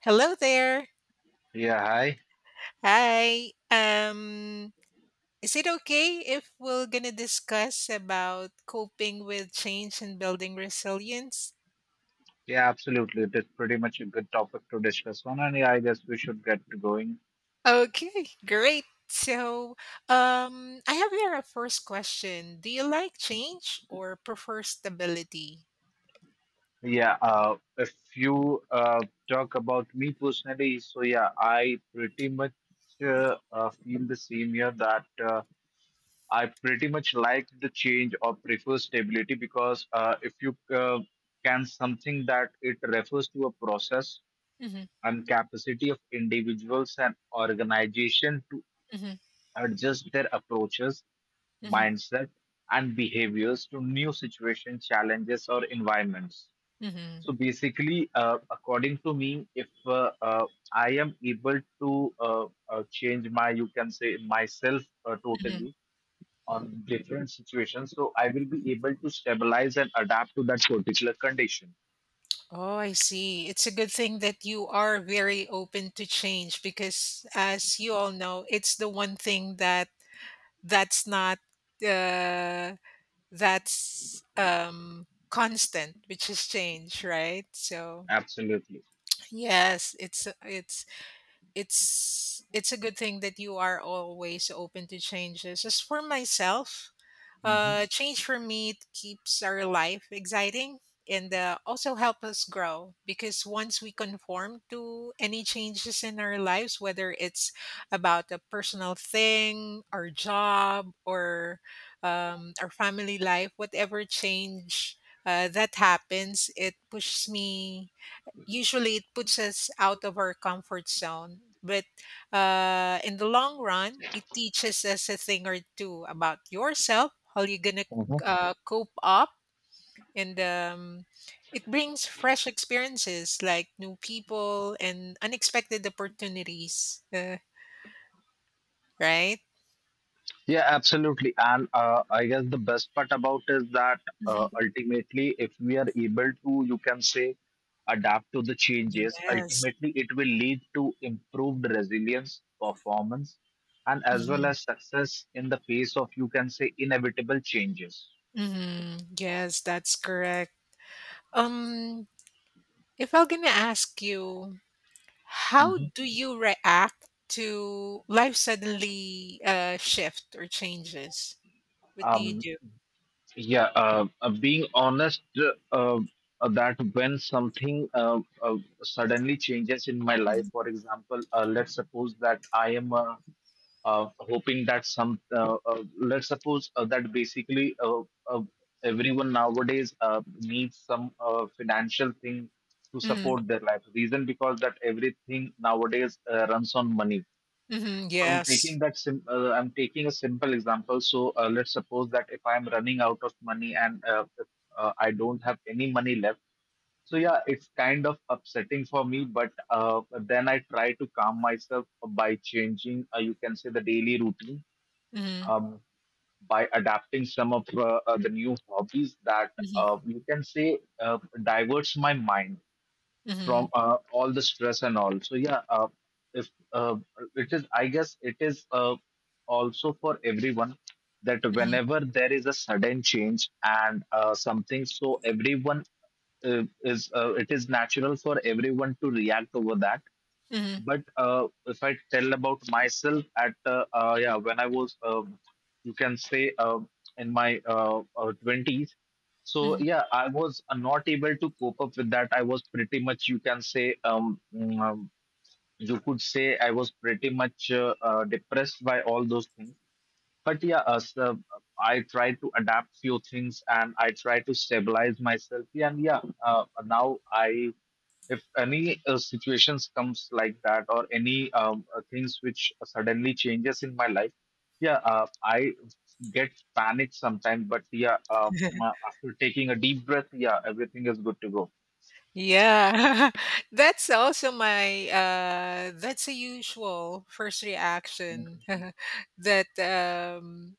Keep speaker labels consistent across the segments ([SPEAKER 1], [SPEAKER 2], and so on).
[SPEAKER 1] Hello there.
[SPEAKER 2] Yeah, hi.
[SPEAKER 1] Hi. Is it okay if we're gonna discuss about coping with change and building resilience?
[SPEAKER 2] Yeah, absolutely. It is pretty much a good topic to discuss on, and yeah, I guess we should get going.
[SPEAKER 1] Okay, great. So, I have here a first question. Do you like change or prefer stability?
[SPEAKER 2] Yeah, if you talk about me personally, so yeah, I pretty much feel the same here that I pretty much like the change or prefer stability because if you can something that it refers to a process
[SPEAKER 1] Hmm.
[SPEAKER 2] and capacity of individuals and organization to
[SPEAKER 1] Hmm.
[SPEAKER 2] adjust their approaches,
[SPEAKER 1] Hmm.
[SPEAKER 2] mindset, and behaviors to new situations, challenges, or environments.
[SPEAKER 1] Hmm.
[SPEAKER 2] So basically, according to me, if I am able to change my, you can say, myself
[SPEAKER 1] Hmm.
[SPEAKER 2] totally on different situations, so I will be able to stabilize and adapt to that particular condition.
[SPEAKER 1] Oh, I see. It's a good thing that you are very open to change because, as you all know, it's the one thing that that's not uh, that's constant, which is change, right? So
[SPEAKER 2] Absolutely.
[SPEAKER 1] yes, it's a good thing that you are always open to changes. As for myself, change for me keeps our life exciting, and also help us grow, because once we conform to any changes in our lives, whether it's about a personal thing, our job, or our family life, whatever change that happens, it pushes me usually it puts us out of our comfort zone, but in the long run it teaches us a thing or two about yourself, how you're gonna cope up, and it brings fresh experiences like new people and unexpected opportunities, right?
[SPEAKER 2] Yeah, absolutely. And I guess the best part about is that
[SPEAKER 1] Mhm.
[SPEAKER 2] ultimately, if we are able to, you can say, adapt to the changes,
[SPEAKER 1] Yes.
[SPEAKER 2] ultimately it will lead to improved resilience, performance, and as well
[SPEAKER 1] Mhm.
[SPEAKER 2] as success in the face of, you can say, inevitable changes.
[SPEAKER 1] Mhm. Yes, that's correct. um if I'm gonna ask you, how
[SPEAKER 2] Mhm.
[SPEAKER 1] do you react to life suddenly, shift or changes? What do you
[SPEAKER 2] Um,
[SPEAKER 1] do?
[SPEAKER 2] yeah, being honest, uh, that when something suddenly changes in my life,
[SPEAKER 1] Mhm,
[SPEAKER 2] for example, let's suppose that I am a hoping that some let's suppose that basically uh, everyone nowadays needs some financial thing to
[SPEAKER 1] mhm,
[SPEAKER 2] support their life, reason because that everything nowadays runs on money.
[SPEAKER 1] mhm,
[SPEAKER 2] So i'm taking
[SPEAKER 1] yes.
[SPEAKER 2] that sim- uh, I'm taking a simple example. So let's suppose that if I'm running out of money and if, I don't have any money left. So yeah, it's kind of upsetting for me, but then I try to calm myself by changing, you can say, the daily routine,
[SPEAKER 1] Mhm,
[SPEAKER 2] um, by adapting some of the new hobbies that
[SPEAKER 1] mhm,
[SPEAKER 2] you can say diverts my mind from
[SPEAKER 1] mhm,
[SPEAKER 2] all the stress and all. So yeah, if it is, I guess it is also for everyone that
[SPEAKER 1] mhm,
[SPEAKER 2] whenever there is a sudden change and something, so everyone is it is natural for everyone to react over that.
[SPEAKER 1] mhm,
[SPEAKER 2] But if I tell about myself, at yeah, when I was, you can say, in my 20s, so
[SPEAKER 1] mhm.
[SPEAKER 2] yeah, I was not able to cope up with that. I was pretty much, you can say, you could say, I was pretty much depressed by all those things. But yeah, so I tried to adapt few things and I tried to stabilize myself. Yeah, and yeah, now I, if any situations comes like that or any things which suddenly changes in my life, yeah, I get panicked sometimes, but yeah, after taking a deep breath, yeah, everything is good to go.
[SPEAKER 1] Yeah, that's also my that's a usual first reaction that um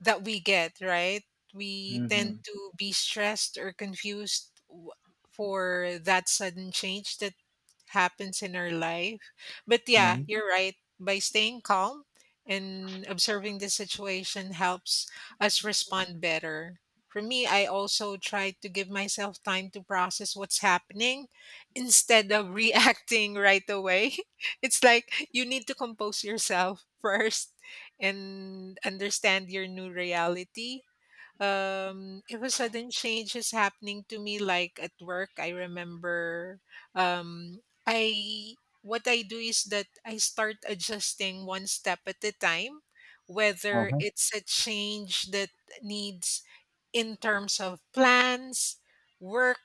[SPEAKER 1] that we get, right? We tend
[SPEAKER 2] Mhm.
[SPEAKER 1] to be stressed or confused for that sudden change that happens in our life. But yeah,
[SPEAKER 2] Mhm.
[SPEAKER 1] you're right. By staying calm and observing the situation helps us respond better. For me, I also try to give myself time to process what's happening instead of reacting right away. It's like you need to compose yourself first and understand your new reality. If a sudden change is happening to me, like at work, I remember I what I do is that I start adjusting one step at a time, whether it's a change that needs in terms of plans, work.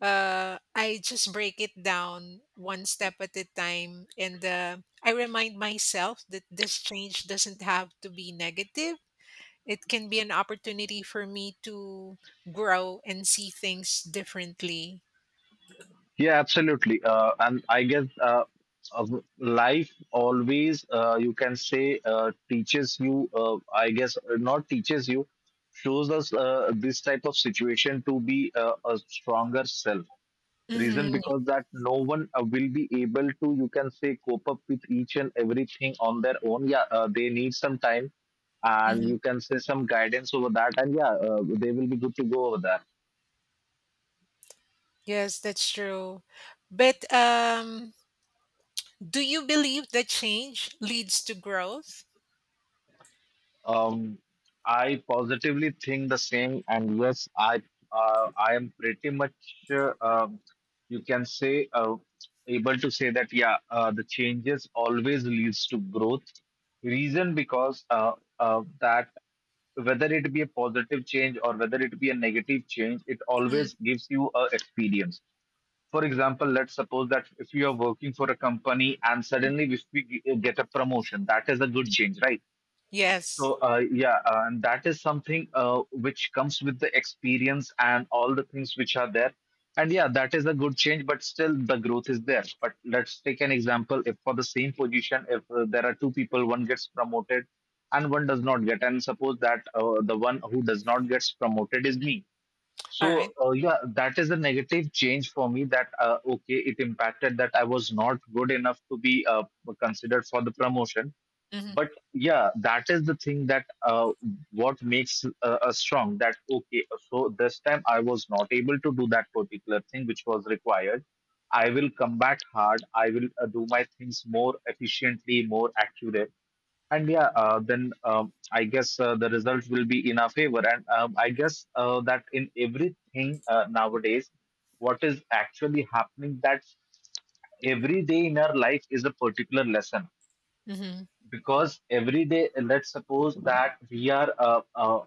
[SPEAKER 1] I just break it down one step at a time. And I remind myself that this change doesn't have to be negative. It can be an opportunity for me to grow and see things differently.
[SPEAKER 2] Yeah, absolutely. And I guess uh, life always, you can say, teaches you, I guess, not teaches you, shows us this type of situation to be a stronger self. Reason
[SPEAKER 1] Hmm.
[SPEAKER 2] because that no one will be able to, you can say, cope up with each and everything on their own. Yeah, they need some time and,
[SPEAKER 1] Hmm.
[SPEAKER 2] you can say, some guidance over that, and yeah, they will be good to go over that.
[SPEAKER 1] Yes, that's true. But do you believe that change leads to growth?
[SPEAKER 2] Um, I positively think the same, and yes, I am pretty much uh, um, you can say able to say that yeah, the changes always leads to growth. Reason because that whether it be a positive change or whether it be a negative change, it always
[SPEAKER 1] Mhm.
[SPEAKER 2] gives you a experience. For example, let's suppose that if you are working for a company and suddenly if we get a promotion, that is a good change, right?
[SPEAKER 1] Yes.
[SPEAKER 2] So yeah, and that is something which comes with the experience and all the things which are there. And yeah, that is a good change, but still the growth is there. But let's take an example. If for the same position, if there are two people, one gets promoted and one does not get, and suppose that the one who does not gets promoted is me.
[SPEAKER 1] All
[SPEAKER 2] So
[SPEAKER 1] right.
[SPEAKER 2] yeah, that is a negative change for me. That okay, it impacted that I was not good enough to be considered for the promotion,
[SPEAKER 1] Mhm.
[SPEAKER 2] but yeah, that is the thing that what makes us strong. That okay, so this time I was not able to do that particular thing which was required. I will come back hard. I will do my things more efficiently, more accurate. And yeah, then I guess the result will be in our favor, and I guess that in everything nowadays, what is actually happening that every day in our life is a particular lesson. Because every day, let's suppose that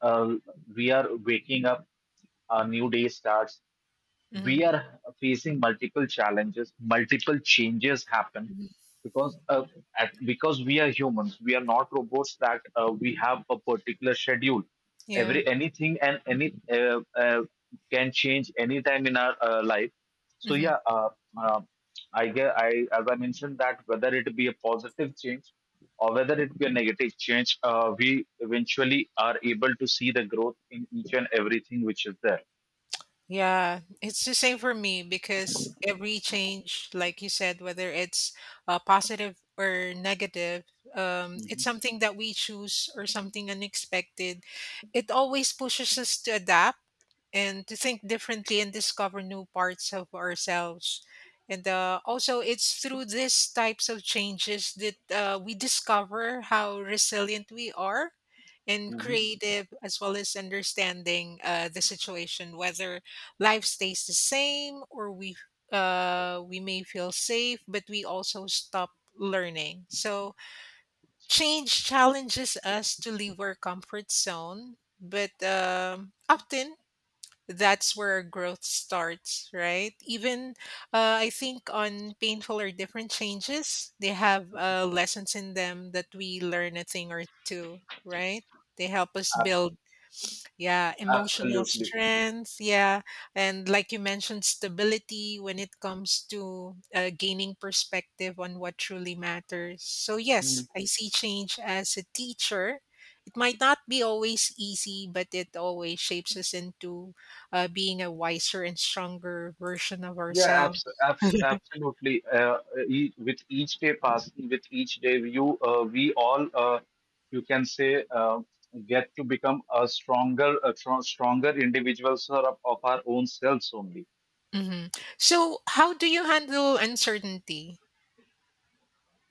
[SPEAKER 2] uh, we are waking up, a new day starts, we
[SPEAKER 1] Mhm.
[SPEAKER 2] are facing multiple challenges, multiple changes happen.
[SPEAKER 1] Mhm.
[SPEAKER 2] Because at, because we are humans, we are not robots, that we have a particular schedule.
[SPEAKER 1] Yeah.
[SPEAKER 2] Every anything and any can change anytime in our life. So
[SPEAKER 1] Hmm.
[SPEAKER 2] yeah, uh, i, as I mentioned, that whether it be a positive change or whether it be a negative change, we eventually are able to see the growth in each and everything which is there.
[SPEAKER 1] Yeah. It's the same for me because every change, like you said, whether it's positive or negative, it's something that we choose or something unexpected. It always pushes us to adapt and to think differently and discover new parts of ourselves. And also, it's through these types of changes that we discover how resilient we are and
[SPEAKER 2] Mhm.
[SPEAKER 1] creative, as well as understanding the situation, whether life stays the same or we may feel safe, but we also stop learning. So change challenges us to leave our comfort zone, but often that's where growth starts, right? Even I think on painful or different changes, they have lessons in them that we learn a thing or two, right? They help us build, yeah, emotional
[SPEAKER 2] Absolutely.
[SPEAKER 1] strength. Yeah. And like you mentioned, stability when it comes to gaining perspective on what truly matters. So,
[SPEAKER 2] Hmm.
[SPEAKER 1] yes, I see change as a teacher. It might not be always easy, but it always shapes us into being a wiser and stronger version of
[SPEAKER 2] Yeah,
[SPEAKER 1] ourselves.
[SPEAKER 2] absolutely. E With each day passing, with each day, you we all, you can say, get to become a stronger, a tr stronger individuals of our own selves only.
[SPEAKER 1] Hmm. So, how do you handle uncertainty?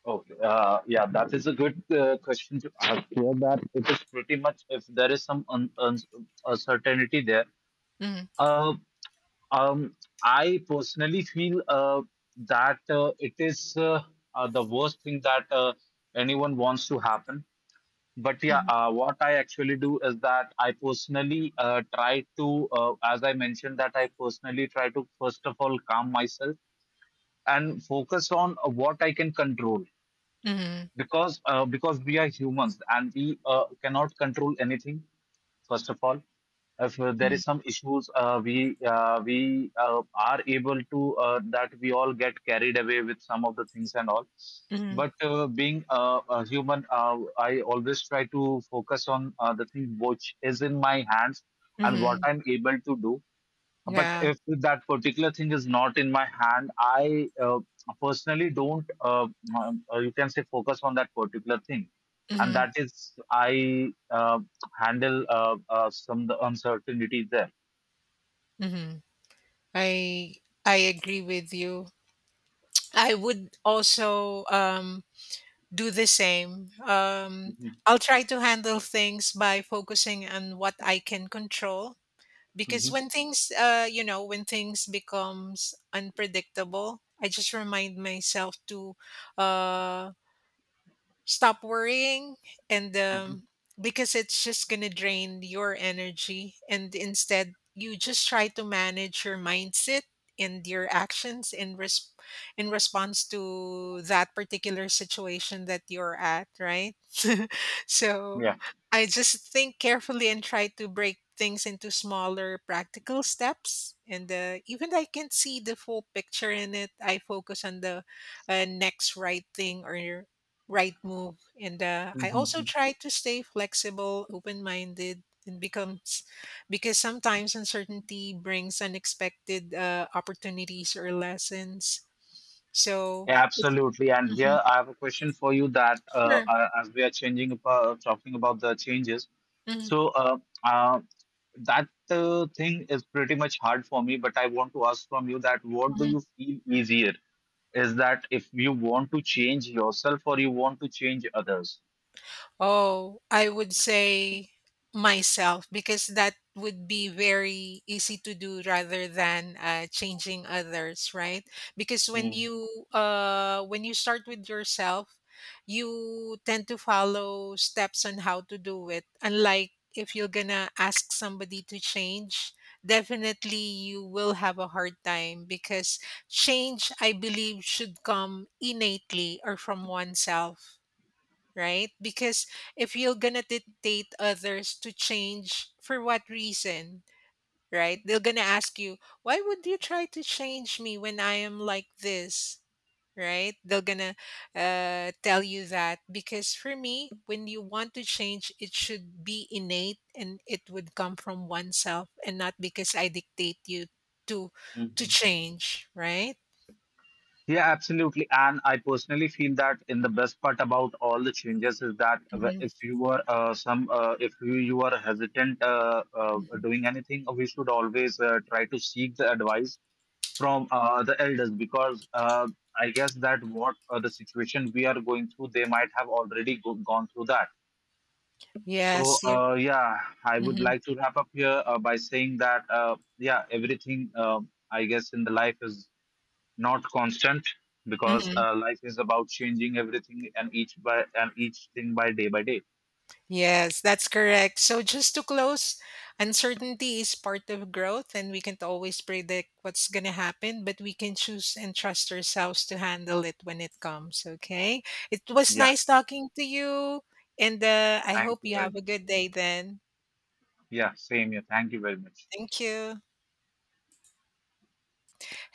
[SPEAKER 2] Okay. Yeah, that is a good question to ask here. That it is pretty much if there is some un un uncertainty there.
[SPEAKER 1] Mm-hmm.
[SPEAKER 2] Uh, Um, I personally feel that it is the worst thing that anyone wants to happen. But yeah,
[SPEAKER 1] Hmm.
[SPEAKER 2] what I actually do is that I personally try to, as I mentioned, that I personally try to first of all calm myself and focus on what I can control. Because because we are humans, and we cannot control anything first of all. If there is
[SPEAKER 1] Hmm.
[SPEAKER 2] some issues, we are able to, that we all get carried away with some of the things and all.
[SPEAKER 1] Hmm.
[SPEAKER 2] But being a human, I always try to focus on the thing which is in my hands and what
[SPEAKER 1] Hmm.
[SPEAKER 2] I'm able to do. But
[SPEAKER 1] Yeah.
[SPEAKER 2] if that particular thing is not in my hand, i personally don't you can say focus on that particular thing. And
[SPEAKER 1] Hmm.
[SPEAKER 2] that is i handle some the uncertainty there.
[SPEAKER 1] Hmm. I I agree with you. I would also do the same.
[SPEAKER 2] Mhm,
[SPEAKER 1] I'll try to handle things by focusing on what I can control, because
[SPEAKER 2] mhm,
[SPEAKER 1] when things becomes unpredictable, I just remind myself to uh, stop worrying, and
[SPEAKER 2] mhm,
[SPEAKER 1] because it's just going to drain your energy, and instead you just try to manage your mindset and your actions in response to that particular situation that you're at, right? So I just think carefully and try to break things into smaller practical steps, and even I can see the full picture in it, I focus on the next right thing or right move. And
[SPEAKER 2] yeah.
[SPEAKER 1] I also try to stay flexible, open minded, and becomes, because sometimes uncertainty brings unexpected opportunities or lessons. So it's.
[SPEAKER 2] Absolutely. And
[SPEAKER 1] Mhm.
[SPEAKER 2] here I have a question for you that
[SPEAKER 1] Sure.
[SPEAKER 2] as we are changing about talking about the changes,
[SPEAKER 1] Mhm.
[SPEAKER 2] so uh, that thing is pretty much hard for me. But I want to ask from you, that what do you feel easier? Is that if you want to change yourself or you want to change others?
[SPEAKER 1] Oh, I would say myself, because that would be very easy to do rather than changing others, right? Because when
[SPEAKER 2] Hmm.
[SPEAKER 1] you uh, when you start with yourself, you tend to follow steps on how to do it. Unlike if you're gonna ask somebody to change, definitely you will have a hard time, because change, I believe, should come innately or from oneself, right? Because if you're gonna dictate others to change, for what reason, right? They're gonna ask you, why would you try to change me when I am like this, right? They're gonna tell you that because for me, when you want to change, it should be innate and it would come from oneself and not because I dictate you to to change, right?
[SPEAKER 2] Yeah, absolutely. And I personally feel that in the best part about all the changes is that
[SPEAKER 1] Mhm,
[SPEAKER 2] if you were some if you are hesitant
[SPEAKER 1] mhm.
[SPEAKER 2] doing anything, we should always try to seek the advice from the elders because I guess that what the situation we are going through, they might have already gone through that. So
[SPEAKER 1] Yes, you're.
[SPEAKER 2] yeah, I would
[SPEAKER 1] Hmm.
[SPEAKER 2] like to wrap up here by saying that yeah, everything I guess in the life is not constant. Because life is about changing everything and each by and each thing, by day by day.
[SPEAKER 1] Yes, that's correct. So just to close, uncertainty is part of growth, and we can't always predict what's going to happen, but we can choose and trust ourselves to handle it when it comes, okay? It was
[SPEAKER 2] Yeah,
[SPEAKER 1] nice talking to you, and I
[SPEAKER 2] thank
[SPEAKER 1] hope
[SPEAKER 2] you
[SPEAKER 1] you
[SPEAKER 2] very
[SPEAKER 1] have a
[SPEAKER 2] much.
[SPEAKER 1] good day then.
[SPEAKER 2] Yeah, same here, thank you very much.
[SPEAKER 1] Thank you.